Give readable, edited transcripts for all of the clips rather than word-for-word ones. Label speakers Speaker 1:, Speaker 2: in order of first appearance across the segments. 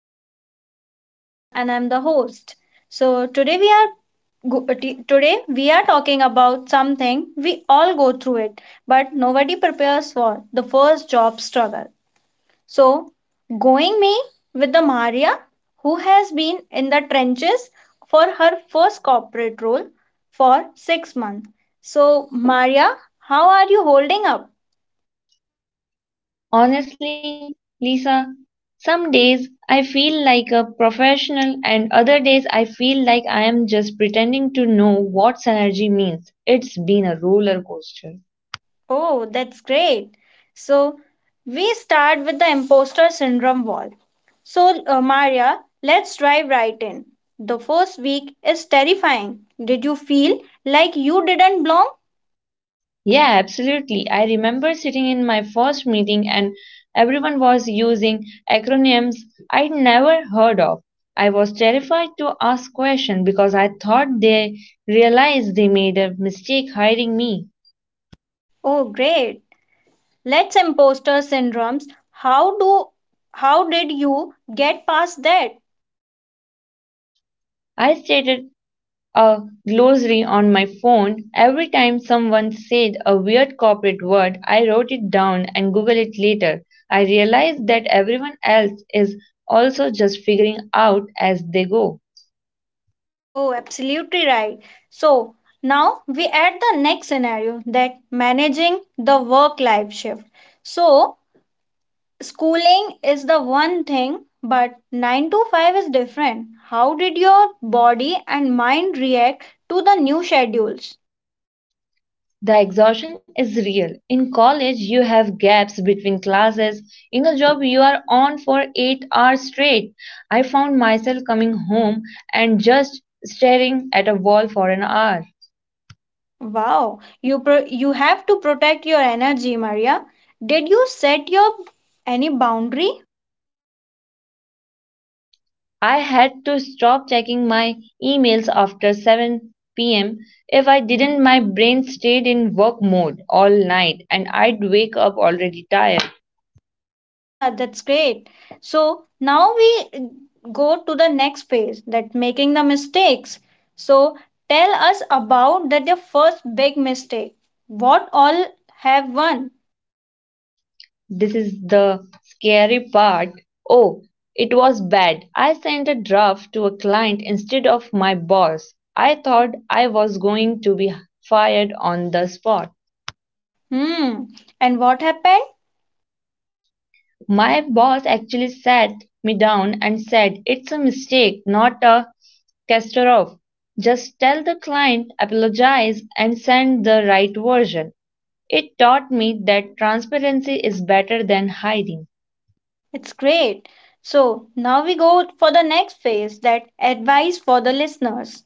Speaker 1: show. I am Lisa and I am the host. So today we are today we are talking about something we all go through it, but nobody prepares for the first job struggle. So going me with the Maria, who has been in the trenches for her first corporate role for 6 months. So Maria, how are you holding up?
Speaker 2: Honestly, Lisa, some days I feel like a professional and other days I feel like I am just pretending to know what synergy means. It's been a roller coaster.
Speaker 1: Oh, that's great. So we start with the imposter syndrome wall. So, Maria, let's dive right in. The first week is terrifying. Did you feel like you didn't belong?
Speaker 2: Yeah, absolutely. I remember sitting in my first meeting and everyone was using acronyms I'd never heard of. I was terrified to ask questions because I thought they realized they made a mistake hiring me.
Speaker 1: Oh, great. Let's imposter syndromes. How do how did you get past that?
Speaker 2: I stated a glossary on my phone. Every time someone said a weird corporate word, I wrote it down and Google it later. I realized that everyone else is also just figuring out as they go.
Speaker 1: Oh, absolutely right. So, now we add the next scenario, that managing the work life shift. So, schooling is the one thing, but 9 to 5 is different. How did your body and mind react to the new schedules?
Speaker 2: The exhaustion is real. In college, you have gaps between classes. In a job, you are on for 8 hours straight. I found myself coming home and just staring at a wall for an hour.
Speaker 1: Wow, you have to protect your energy, Maria. Did you set your any boundary?
Speaker 2: I had to stop checking my emails after 7 pm. If I didn't, my brain stayed in work mode all night and I'd wake up already tired.
Speaker 1: Yeah, that's great. So now we go to the next phase, that making the mistakes. So tell us about that your first big mistake. What all have won?
Speaker 2: This is the scary part. Oh, it was bad. I sent a draft to a client instead of my boss. I thought I was going to be fired on the spot.
Speaker 1: Hmm. And what happened?
Speaker 2: My boss actually sat me down and said, "It's a mistake, not a catastrophe. Just tell the client, apologize, and send the right version." It taught me that transparency is better than hiding.
Speaker 1: It's great. So now we go for the next phase, that advice for the listeners.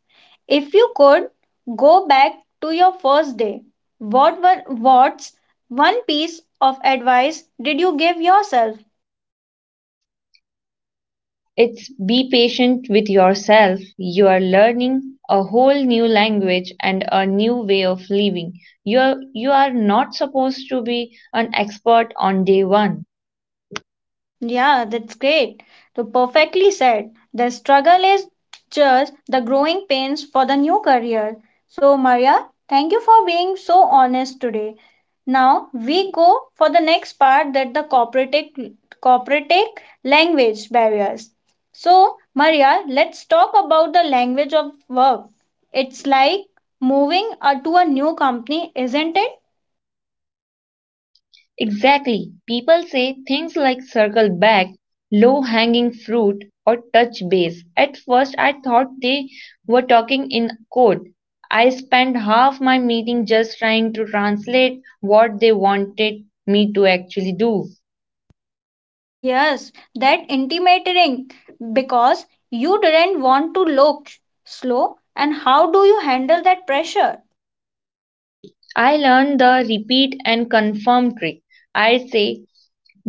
Speaker 1: If you could go back to your first day, what's one piece of advice did you give yourself?
Speaker 2: It's be patient with yourself. You are learning a whole new language and a new way of living. You are not supposed to be an expert on day one.
Speaker 1: Yeah, that's great. So perfectly said. The struggle is just the growing pains for the new career. So Maria, thank you for being so honest today. Now we go for the next part, that the corporate language barriers. So Maria, let's talk about the language of work. It's like moving to a new company, isn't it?
Speaker 2: Exactly. People say things like circle back, low hanging fruit, or touch base. At first, I thought they were talking in code. I spent half my meeting just trying to translate what they wanted me to actually do.
Speaker 1: Yes, that intimidating because you didn't want to look slow, and how do you handle that pressure?
Speaker 2: I learned the repeat and confirm trick. I say,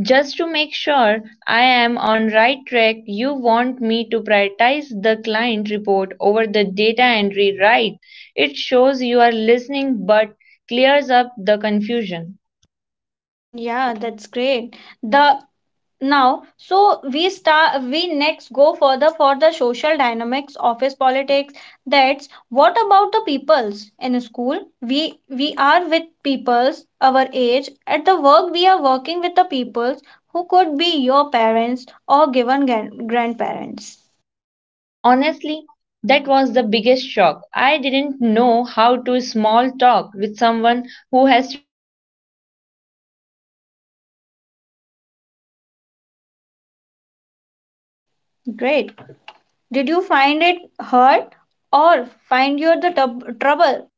Speaker 2: just to make sure I am on right track, you want me to prioritize the client report over the data entry, right? It shows you are listening but clears up the confusion.
Speaker 1: Yeah, that's great. The now so we start we next go further for the social dynamics office politics, that's what about the peoples in school, we are with peoples our age, at the work we are working with the peoples who could be your parents or given gran- grandparents.
Speaker 2: Honestly, that was the biggest shock. I didn't know how to small talk with someone who has 20 years of experience. I felt like a kid at the adult table.
Speaker 1: Great. Did you find it hard or find you the tub- trouble?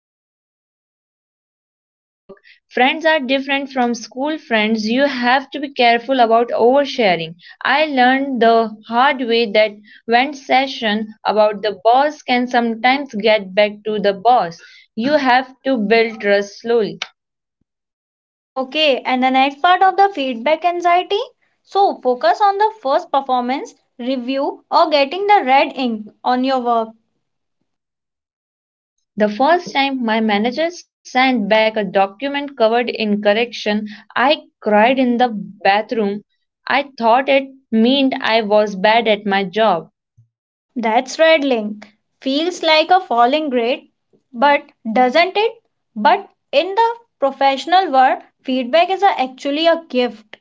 Speaker 2: Yes, you have to learn that work friends are different from school friends. You have to be careful about oversharing. I learned the hard way that when session about the boss can sometimes get back to the boss. You have to build trust slowly.
Speaker 1: Okay, and the next part of the feedback anxiety. So, focus on the first performance, review, or getting the red ink on your work.
Speaker 2: The first time my manager sent back a document covered in correction, I cried in the bathroom. I thought it meant I was bad at my job.
Speaker 1: That's rattling. Feels like a falling grade, but doesn't it? But in the professional world, feedback is actually a gift.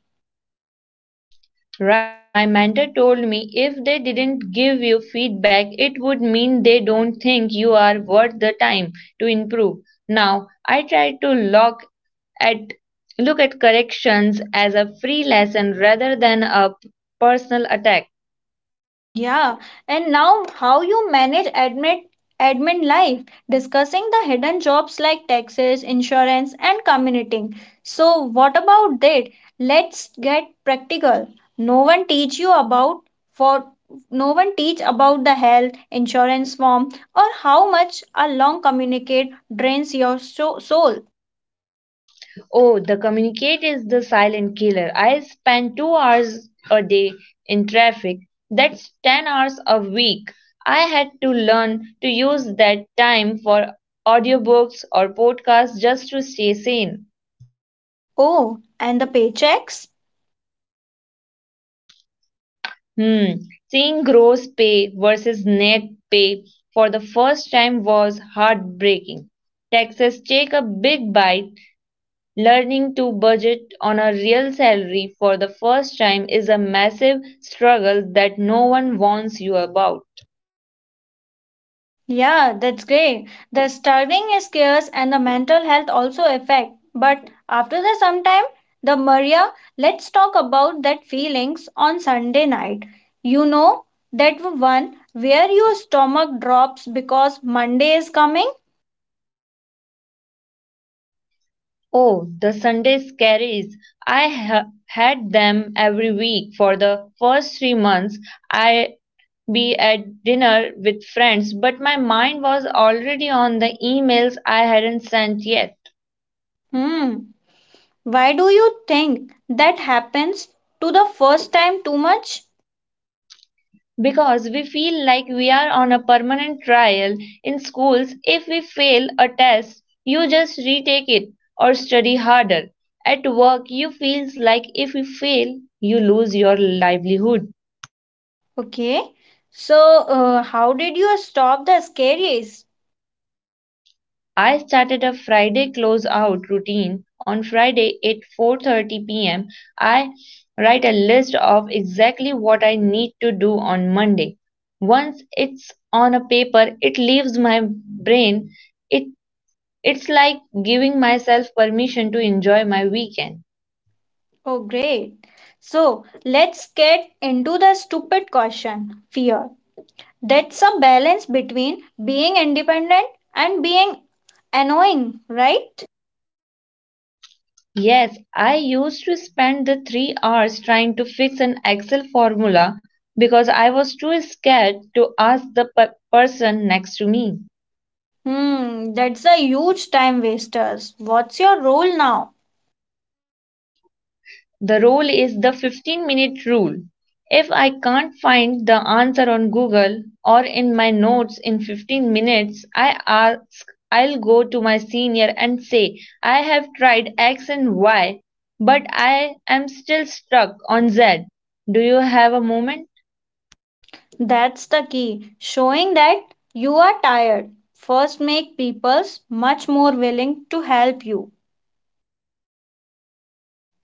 Speaker 2: Right, my mentor told me if they didn't give you feedback, it would mean they don't think you are worth the time to improve. Now, I try to at look at corrections as a free lesson rather than a personal attack.
Speaker 1: Yeah, and now how you manage admin life, discussing the hidden jobs like taxes, insurance, and commuting. So what about that? Let's get practical. No one teach you about for No one teach about the health insurance form, or how much a long communicate drains your so- soul.
Speaker 2: Oh, the communicate is the silent killer. I spend 2 hours a day in traffic. That's 10 hours a week. I had to learn to use that time for audiobooks or podcasts just to stay sane.
Speaker 1: Oh, and the paychecks?
Speaker 2: Hmm. Seeing gross pay versus net pay for the first time was heartbreaking. Taxes take a big bite. Learning to budget on a real salary for the first time is a massive struggle that no one warns you about.
Speaker 1: Yeah, that's great. The studying is scarce and the mental health also affect. But after the sometime, the Maria, let's talk about that feelings on Sunday night. You know that one where your stomach drops because Monday is coming?
Speaker 2: Oh, the Sunday scaries. I ha- had them every week for the first 3 months. I'd be at dinner with friends, but my mind was already on the emails I hadn't sent yet.
Speaker 1: Hmm. Why do you think that happens to the first time too much?
Speaker 2: Because we feel like we are on a permanent trial. In schools, if we fail a test, you just retake it or study harder. At work, you feels like if you fail, you lose your livelihood.
Speaker 1: Okay. So, how did you stop the scaries?
Speaker 2: I started a Friday closeout routine. On Friday at 4:30 p.m., I write a list of exactly what I need to do on Monday. Once it's on a paper, it leaves my brain. It It's like giving myself permission to enjoy my weekend.
Speaker 1: Oh, great. So let's get into the stupid question fear. That's a balance between being independent and being annoying, right?
Speaker 2: Yes, I used to spend the 3 hours trying to fix an Excel formula because I was too scared to ask the person next to me.
Speaker 1: Hmm, that's a huge time wasters. What's your role now?
Speaker 2: The rule is the 15-minute rule. If I can't find the answer on Google or in my notes in 15 minutes, I ask, I'll go to my senior and say, I have tried X and Y, but I am still stuck on Z. Do you have a moment?
Speaker 1: That's the key. Showing that you are tired. First, make people's much more willing to help you.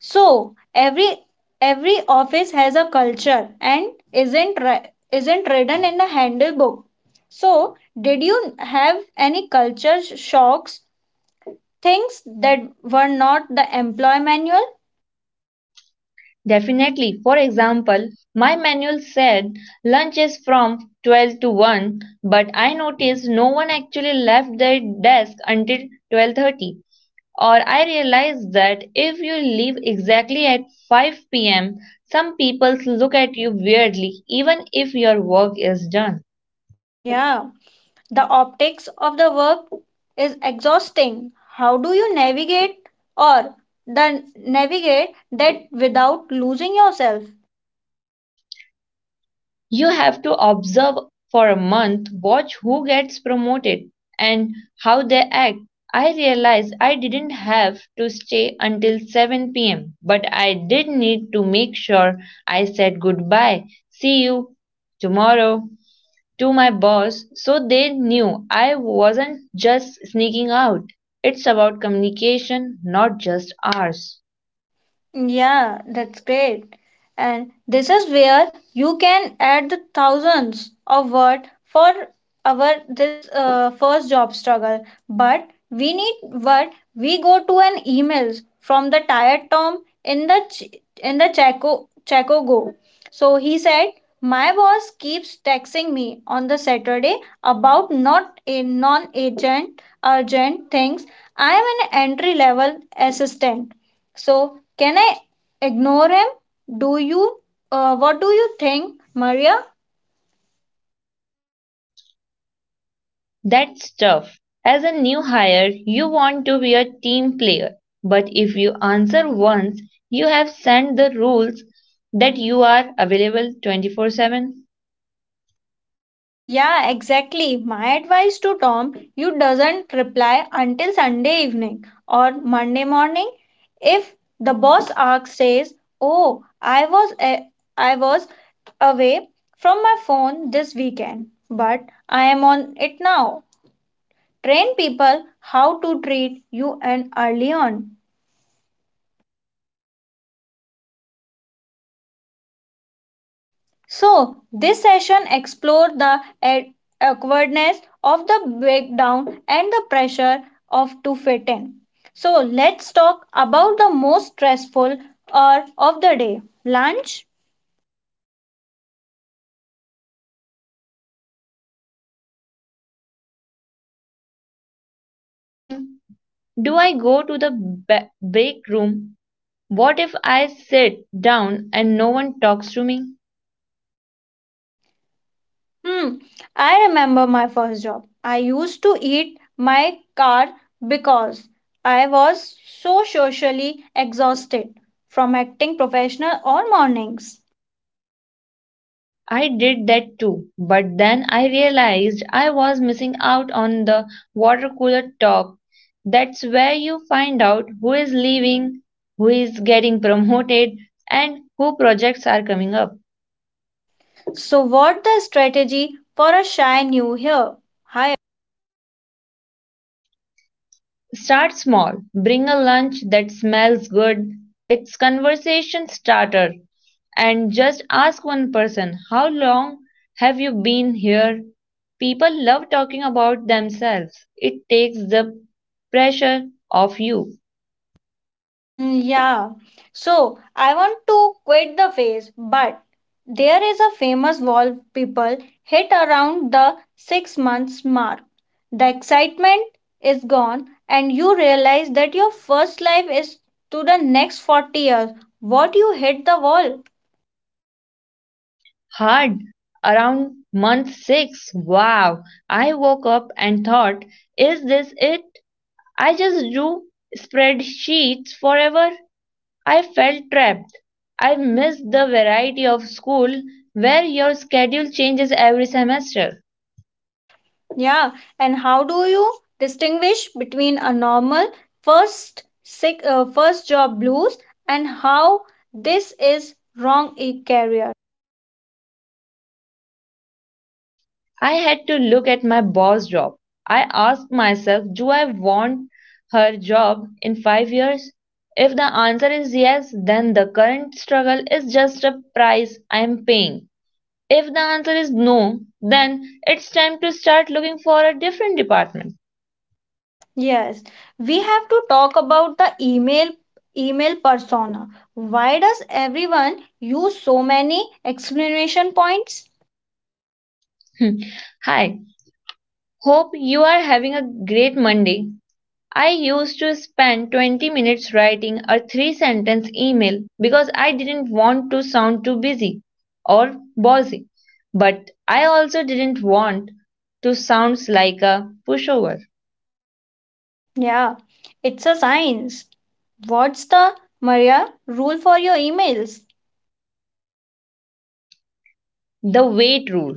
Speaker 1: So every office has a culture and isn't written in the handbook. So did you have any culture sh- shocks, things that were not the employee manual?
Speaker 2: Definitely. For example, my manual said lunch is from 12 to 1, but I noticed no one actually left their desk until 12:30. Or I realized that if you leave exactly at 5 p.m., some people look at you weirdly even if your work is done.
Speaker 1: Yeah, the optics of the work is exhausting. How do you navigate or the navigate that without losing yourself?
Speaker 2: You have to observe for a month, watch who gets promoted and how they act. I realized I didn't have to stay until 7 p.m., but I did need to make sure I said goodbye. See you tomorrow. To my boss so they knew I wasn't just sneaking out. It's about communication, not just hours.
Speaker 1: Yeah, that's great. And this is where you can add the thousands of word for our this first job struggle. But we need what we go to an emails from the tired Tom in the Chaco Chaco Go. So he said, my boss keeps texting me on the Saturday about not a non-agent urgent things. I am an entry level assistant. So can I ignore him? Do you? What do you think, Maria?
Speaker 2: That's tough. As a new hire, you want to be a team player, but if you answer once, you have sent the rules that you are available 24/7.
Speaker 1: Yeah, exactly. My advice to Tom, you doesn't reply until Sunday evening or Monday morning. If the boss asks says, "Oh, I was a- I was away from my phone this weekend, but I am on it now." Train people how to treat you and early on. So, this session explored the a- awkwardness of the breakdown and the pressure of to fit in. So, let's talk about the most stressful hour of the day lunch.
Speaker 2: It sounds silly, but it's true. Do I eat at my desk to look hardworking? Do I go to the break room? What if I sit down and no one talks to me?
Speaker 1: Hmm, I remember my first job. I used to eat my car because I was so socially exhausted from acting professional all mornings.
Speaker 2: I did that too, but then I realized I was missing out on the water cooler talk. That's where you find out who is leaving, who is getting promoted, and who projects are coming up.
Speaker 1: So, what the strategy for a shy new here? Hi.
Speaker 2: Start small. Bring a lunch that smells good. It's conversation starter. And just ask one person, how long have you been here? People love talking about themselves. It takes the pressure off you.
Speaker 1: Mm, yeah. So I want to quit the phase, but there is a famous wall people hit around the 6 months mark. The excitement is gone, and you realize that your first life is to the next 40 years. What you hit the wall.
Speaker 2: Hard. Around month 6. Wow. I woke up and thought, is this it? I just drew spreadsheets forever. I felt trapped. I missed the variety of school where your schedule changes every semester.
Speaker 1: Yeah. And how do you distinguish between a normal first sick, first job blues and how this is wrong a career?
Speaker 2: I had to look at my boss job. I asked myself, do I want her job in 5 years? If the answer is yes, then the current struggle is just a price I am paying. If the answer is no, then it's time to start looking for a different department.
Speaker 1: Yes, we have to talk about the email persona. Why does everyone use so many exclamation points?
Speaker 2: Hi, hope you are having a great Monday. I used to spend 20 minutes writing a three sentence email because I didn't want to sound too busy or bossy, but I also didn't want to sound like a pushover.
Speaker 1: Yeah, it's a science. What's the Maria rule for your emails?
Speaker 2: The wait rule.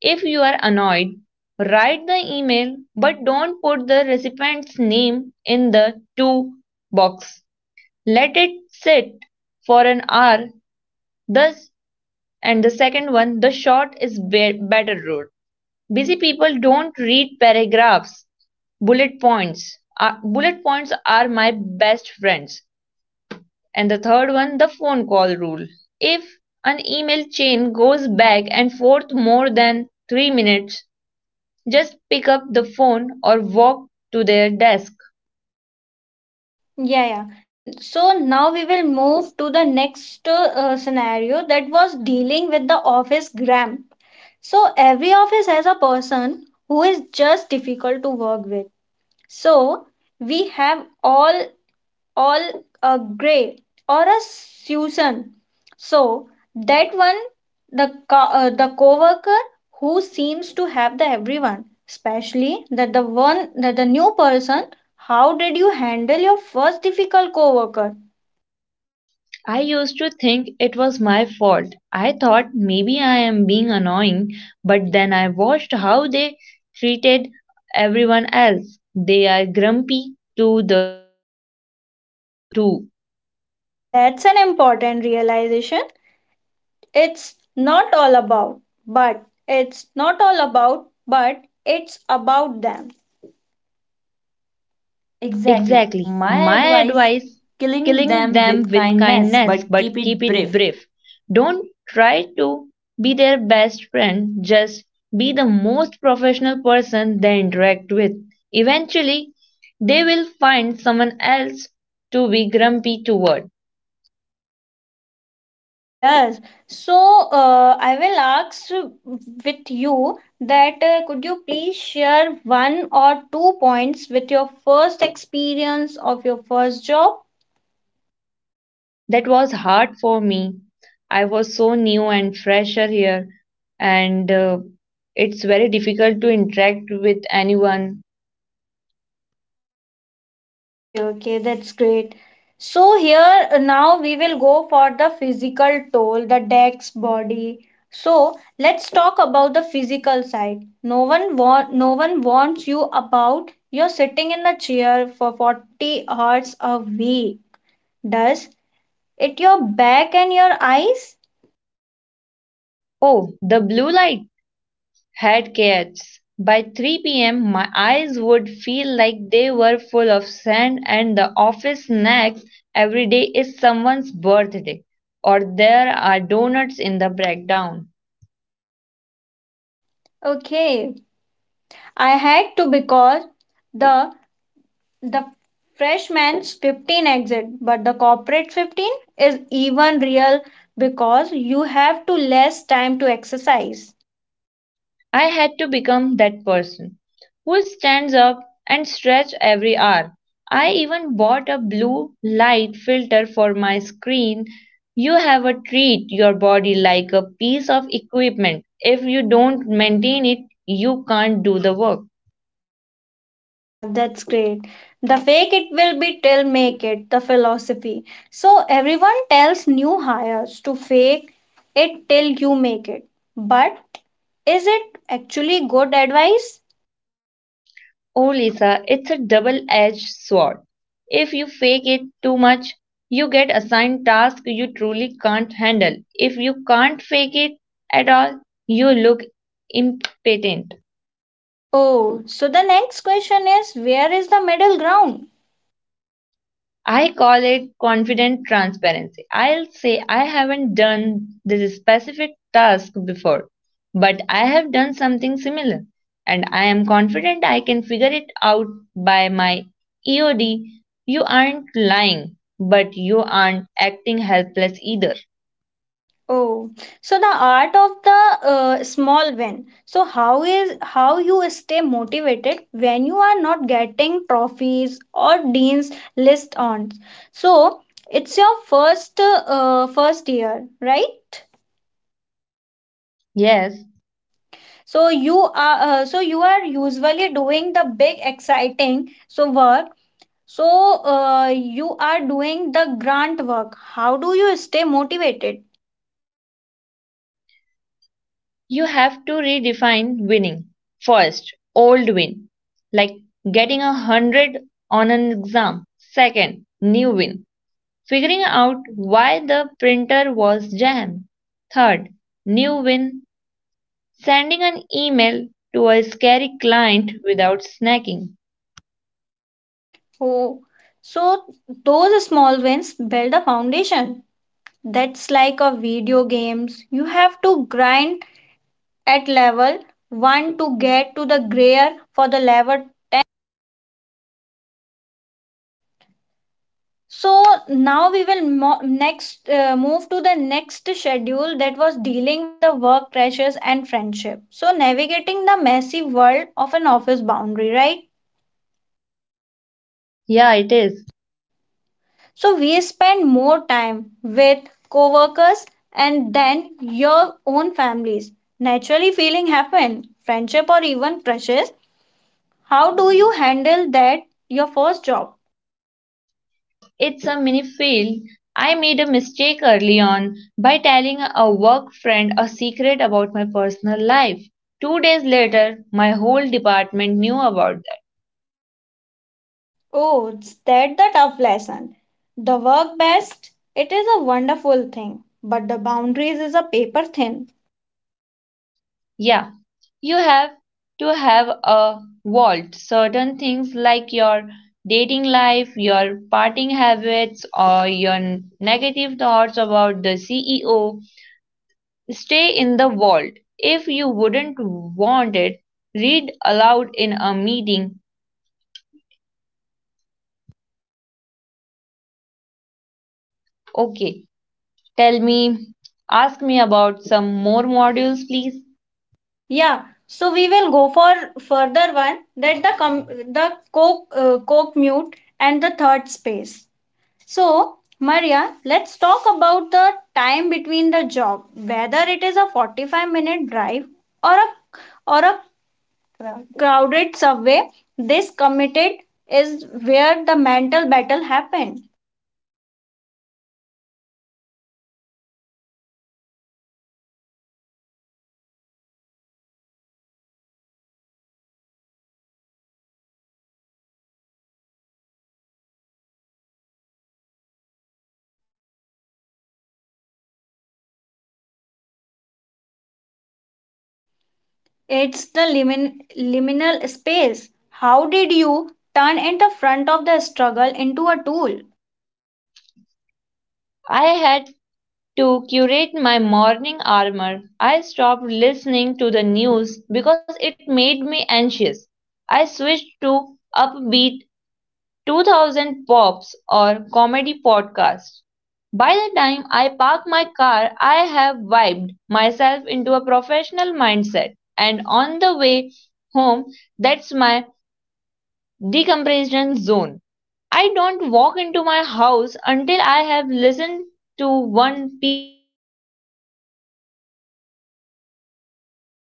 Speaker 2: If you are annoyed, write the email but don't put the recipient's name in the to box. Let it sit for an hour. Thus, and the second one, the short is better rule. Busy people don't read paragraphs, bullet points. Bullet points are my best friends. And the third one, the phone call rule. If an email chain goes back and forth more than 3 minutes, just pick up the phone or walk to their desk.
Speaker 1: Yeah, yeah. So now we will move to the next scenario that was dealing with the office gram. So every office has a person who is just difficult to work with. So we have all a gray or a Susan. So that one, the coworker who seems to have the everyone, especially that the one that the new person. How did you handle your first difficult coworker?
Speaker 2: I used to think it was my fault. I thought maybe I am being annoying, but then I watched how they treated everyone else. They are grumpy to the CEO too.
Speaker 1: That's an important realization. It's not all about, it's not all about, but it's about them. Exactly.
Speaker 2: Exactly.
Speaker 1: My
Speaker 2: My
Speaker 1: advice
Speaker 2: advice
Speaker 1: killing
Speaker 2: killing
Speaker 1: them
Speaker 2: them
Speaker 1: with
Speaker 2: with
Speaker 1: kindness,
Speaker 2: kindness,
Speaker 1: but keep
Speaker 2: but
Speaker 1: it
Speaker 2: keep it
Speaker 1: brief.
Speaker 2: brief. Don't try to be their best friend, just be the most professional person they interact with. Eventually, they will find someone else to be grumpy toward.
Speaker 1: Yes. So I will ask with you that could you please share one or two points with your first experience of your first job?
Speaker 2: That was hard for me. I was so new and fresher here, and it's very difficult to interact with anyone.
Speaker 1: Okay, okay, that's great. So here now we will go for the physical toll, the deck's body. So let's talk about the physical side. No one wants you about. You're sitting in a chair for 40 hours a week. Does it your back and your eyes?
Speaker 2: Oh, the blue light had cats. By 3 p.m., my eyes would feel like they were full of sand, and the office snacks every day is someone's birthday, or there are donuts in the breakdown.
Speaker 1: Okay, I had to because the The freshman's 15 exit, but the corporate 15 is even real because you have to less time to exercise.
Speaker 2: I had to become that person who stands up and stretches every hour. I even bought a blue light filter for my screen. You have a treat your body like a piece of equipment. If you don't maintain it, you can't do the work.
Speaker 1: Yeah, yeah, that's great. The fake it will be till make it, the philosophy. So everyone tells new hires to fake it till you make it. But is it actually good advice?
Speaker 2: Oh, Lisa, it's a double-edged sword. If you fake it too much, you get assigned tasks you truly can't handle. If you can't fake it at all, you look impotent.
Speaker 1: Oh, so the next question is where is the middle ground?
Speaker 2: I call it confident transparency. I'll say I haven't done this specific task before, but I have done something similar, and I am confident I can figure it out by my EOD. You aren't lying, but you aren't acting helpless either.
Speaker 1: Oh, so the art of the small win. So how is how you stay motivated when you are not getting trophies or dean's list on? So it's your first first year, right?
Speaker 2: Yes,
Speaker 1: So you are usually doing the big exciting so work. So you are doing the grant work. How do you stay motivated?
Speaker 2: you have to redefine winning. First, old win, like getting a 100 on an exam. Second, new win figuring out why the printer was jammed. Third, new win, sending an email to a scary client without snagging.
Speaker 1: Oh, so those small wins build a foundation. That's like a video games. You have to grind at level 1 to get to the grayer for the level. So now we will mo- next move to the next schedule that was dealing with the work pressures and friendship. So navigating the messy world of an office boundary, right?
Speaker 2: Yeah, it is.
Speaker 1: So we spend more time with coworkers and then your own families. Naturally feeling happen, friendship or even crushes. How do you handle that your first job?
Speaker 2: It's a mini fail. I made a mistake early on by telling a work friend a secret about my personal life. 2 days later, my whole department knew about.
Speaker 1: Oh, it's that the tough lesson. The work best, it is a wonderful thing, but the boundaries is a paper thin.
Speaker 2: Yeah, you have to have a vault. Certain things like your dating life, your partying habits, or your negative thoughts about the CEO stay in the vault. If you wouldn't want it, read aloud in a meeting. Okay, tell me, ask me about some more modules, please.
Speaker 1: Yeah, so we will go for further one that the co-mute and the third space. So, Maria, let's talk about the time between the job, whether it is a 45-minute drive or a or a crowded subway. This committed is where the mental battle happened.
Speaker 2: The commute was my biggest shock. I used to think of it as wasted time. I'd sit there getting angry at traffic, arriving at work already stressed, or I'd sit on the train or stare at people feeling like a robot.
Speaker 1: It's the liminal space. How did you turn in the front of the struggle into a tool?
Speaker 2: I had to curate my morning armor. I stopped listening to the news because it made me anxious. I switched to upbeat 2000 Pops or Comedy Podcast. By the time I park my car, I have vibed myself into a professional mindset, and on the way home, that's my decompression zone. I don't walk into my house until I have listened to one peaceful song to leave work at the curb.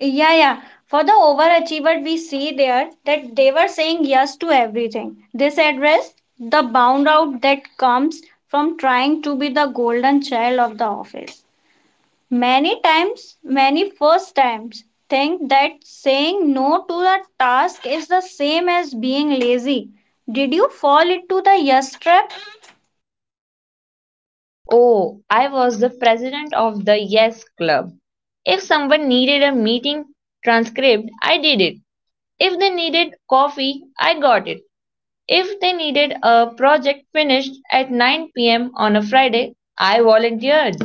Speaker 1: Yeah, yeah. For the overachiever, we see there that they were saying yes to everything. This address the bound out that comes from trying to be the golden child of the office. Many times, many first times, think that saying no to the task is the same as being lazy. Did you fall into the yes trap?
Speaker 2: Oh, I was the president of the Yes Club. If someone needed a meeting transcript, I did it. If they needed coffee, I got it. If they needed a project finished at 9 p.m. on a Friday, I volunteered.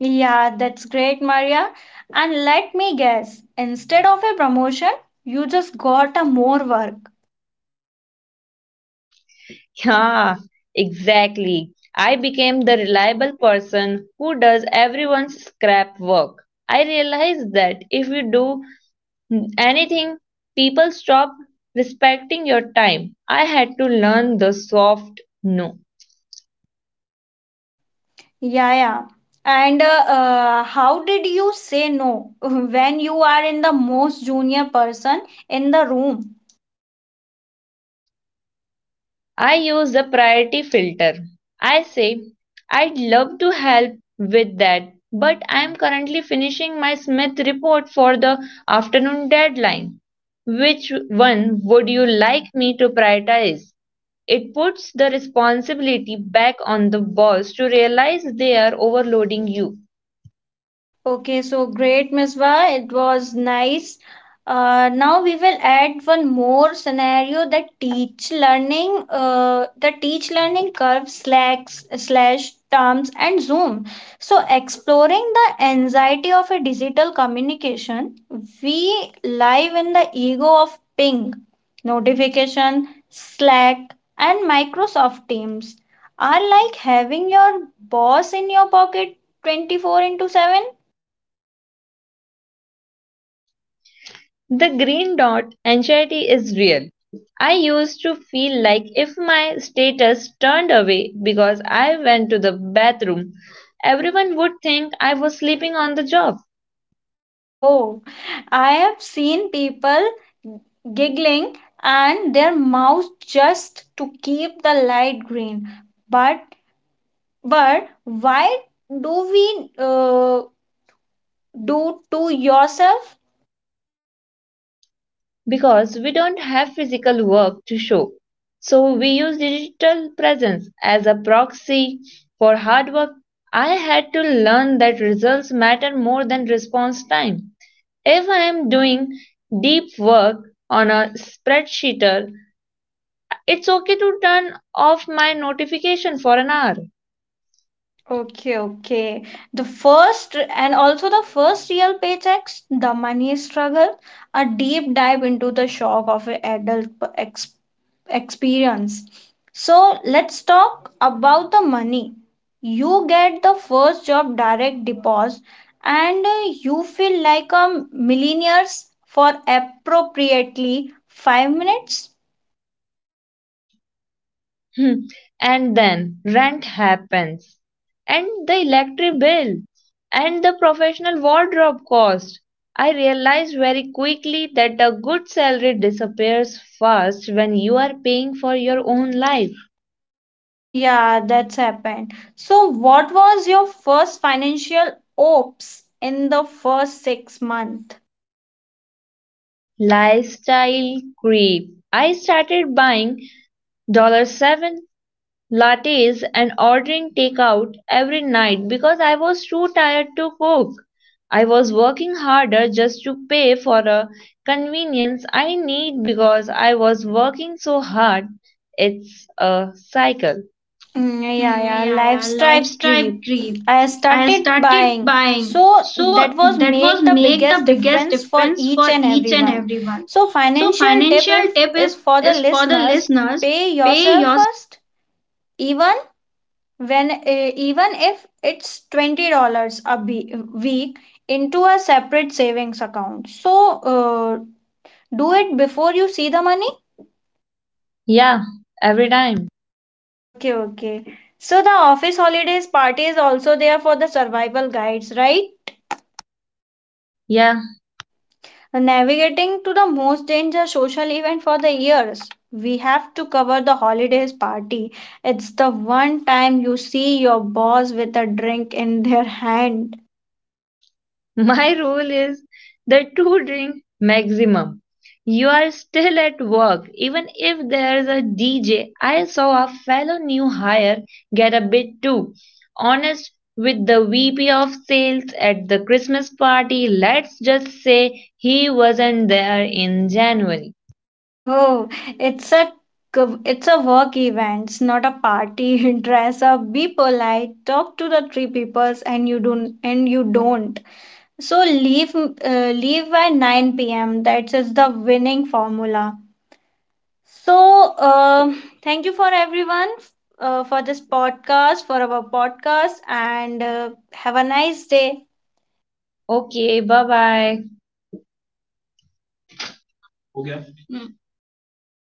Speaker 1: Yeah, that's great, Maria. And let me guess, instead of a promotion, you just got a more work.
Speaker 2: Yeah, exactly. I became the reliable person who does everyone's scrap work. I realized that if you do Hmm. anything, people stop respecting your time. I had to learn the soft no.
Speaker 1: Yeah, yeah. And how did you say no when you are in the most junior person in the room?
Speaker 2: I use the priority filter. I say, I'd love to help with that, but I'm currently finishing my Smith report for the afternoon deadline. Which one would you like me to prioritize? It puts the responsibility back on the boss to realize they are overloading you.
Speaker 1: Okay, so great, Misbah. It was nice. Now we will add one more scenario that teach learning, the teach learning curve slacks slash terms and Zoom. So exploring the anxiety of a digital communication, we live in the ego of ping, notification, Slack, and Microsoft Teams are like having your boss in your pocket 24 into 7.
Speaker 2: The green dot anxiety is real. I used to feel like if my status turned away because I went to the bathroom, everyone would think I was sleeping on the job.
Speaker 1: Oh, I have seen people giggling and their mouths just to keep the light green. But but why do we do to yourself?
Speaker 2: Because we don't have physical work to show. So we use digital presence as a proxy for hard work. I had to learn that results matter more than response time. If I am doing deep work on a spreadsheet, it's okay to turn off my notification for an hour.
Speaker 1: Okay, okay. The first and also the first real paychecks, the money struggle, a deep dive into the shock of an adult ex- experience. So let's talk about the money. You get the first job direct deposit and you feel like a millionaires for appropriately 5 minutes.
Speaker 2: Hmm. And then rent happens, and the electric bill, and the professional wardrobe cost. I realized very quickly that a good salary disappears fast when you are paying for your own life.
Speaker 1: Mm, yeah, that's happened. So what was your first financial ops in the first 6 months?
Speaker 2: Lifestyle creep. I started buying 7 lattes and ordering takeout every night because I was too tired to cook. I was working harder just to pay for a convenience I need because I was working so hard. It's a cycle.
Speaker 1: Mm, yeah, yeah, lifestyle creep. I started buying. So that was make the biggest difference for each and everyone. So financial tip if, is for the listeners, pay yourself first even when even if it's $20 a week into a separate savings account. So uh, do it before you see the money.
Speaker 2: Yeah, every time.
Speaker 1: Okay, okay. So the office holidays party is also there for the survival guides, right?
Speaker 2: Yeah.
Speaker 1: Navigating to the most dangerous social event for the years. We have to cover the holidays party. It's the one time you see your boss with a drink in their hand.
Speaker 2: My rule is the two drink maximum. You are still at work, even if there's a DJ. I saw a fellow new hire get a bit too honest with the VP of sales at the Christmas party. Let's just say he wasn't there in January.
Speaker 1: Oh, it's a it's a work event, it's not a party. Dress up, be polite, talk to the three peoples, and you don't. So leave leave by 9 p.m. That's is the winning formula. So, thank you for everyone for this podcast, for our podcast, and have a nice day.
Speaker 2: Okay, bye bye.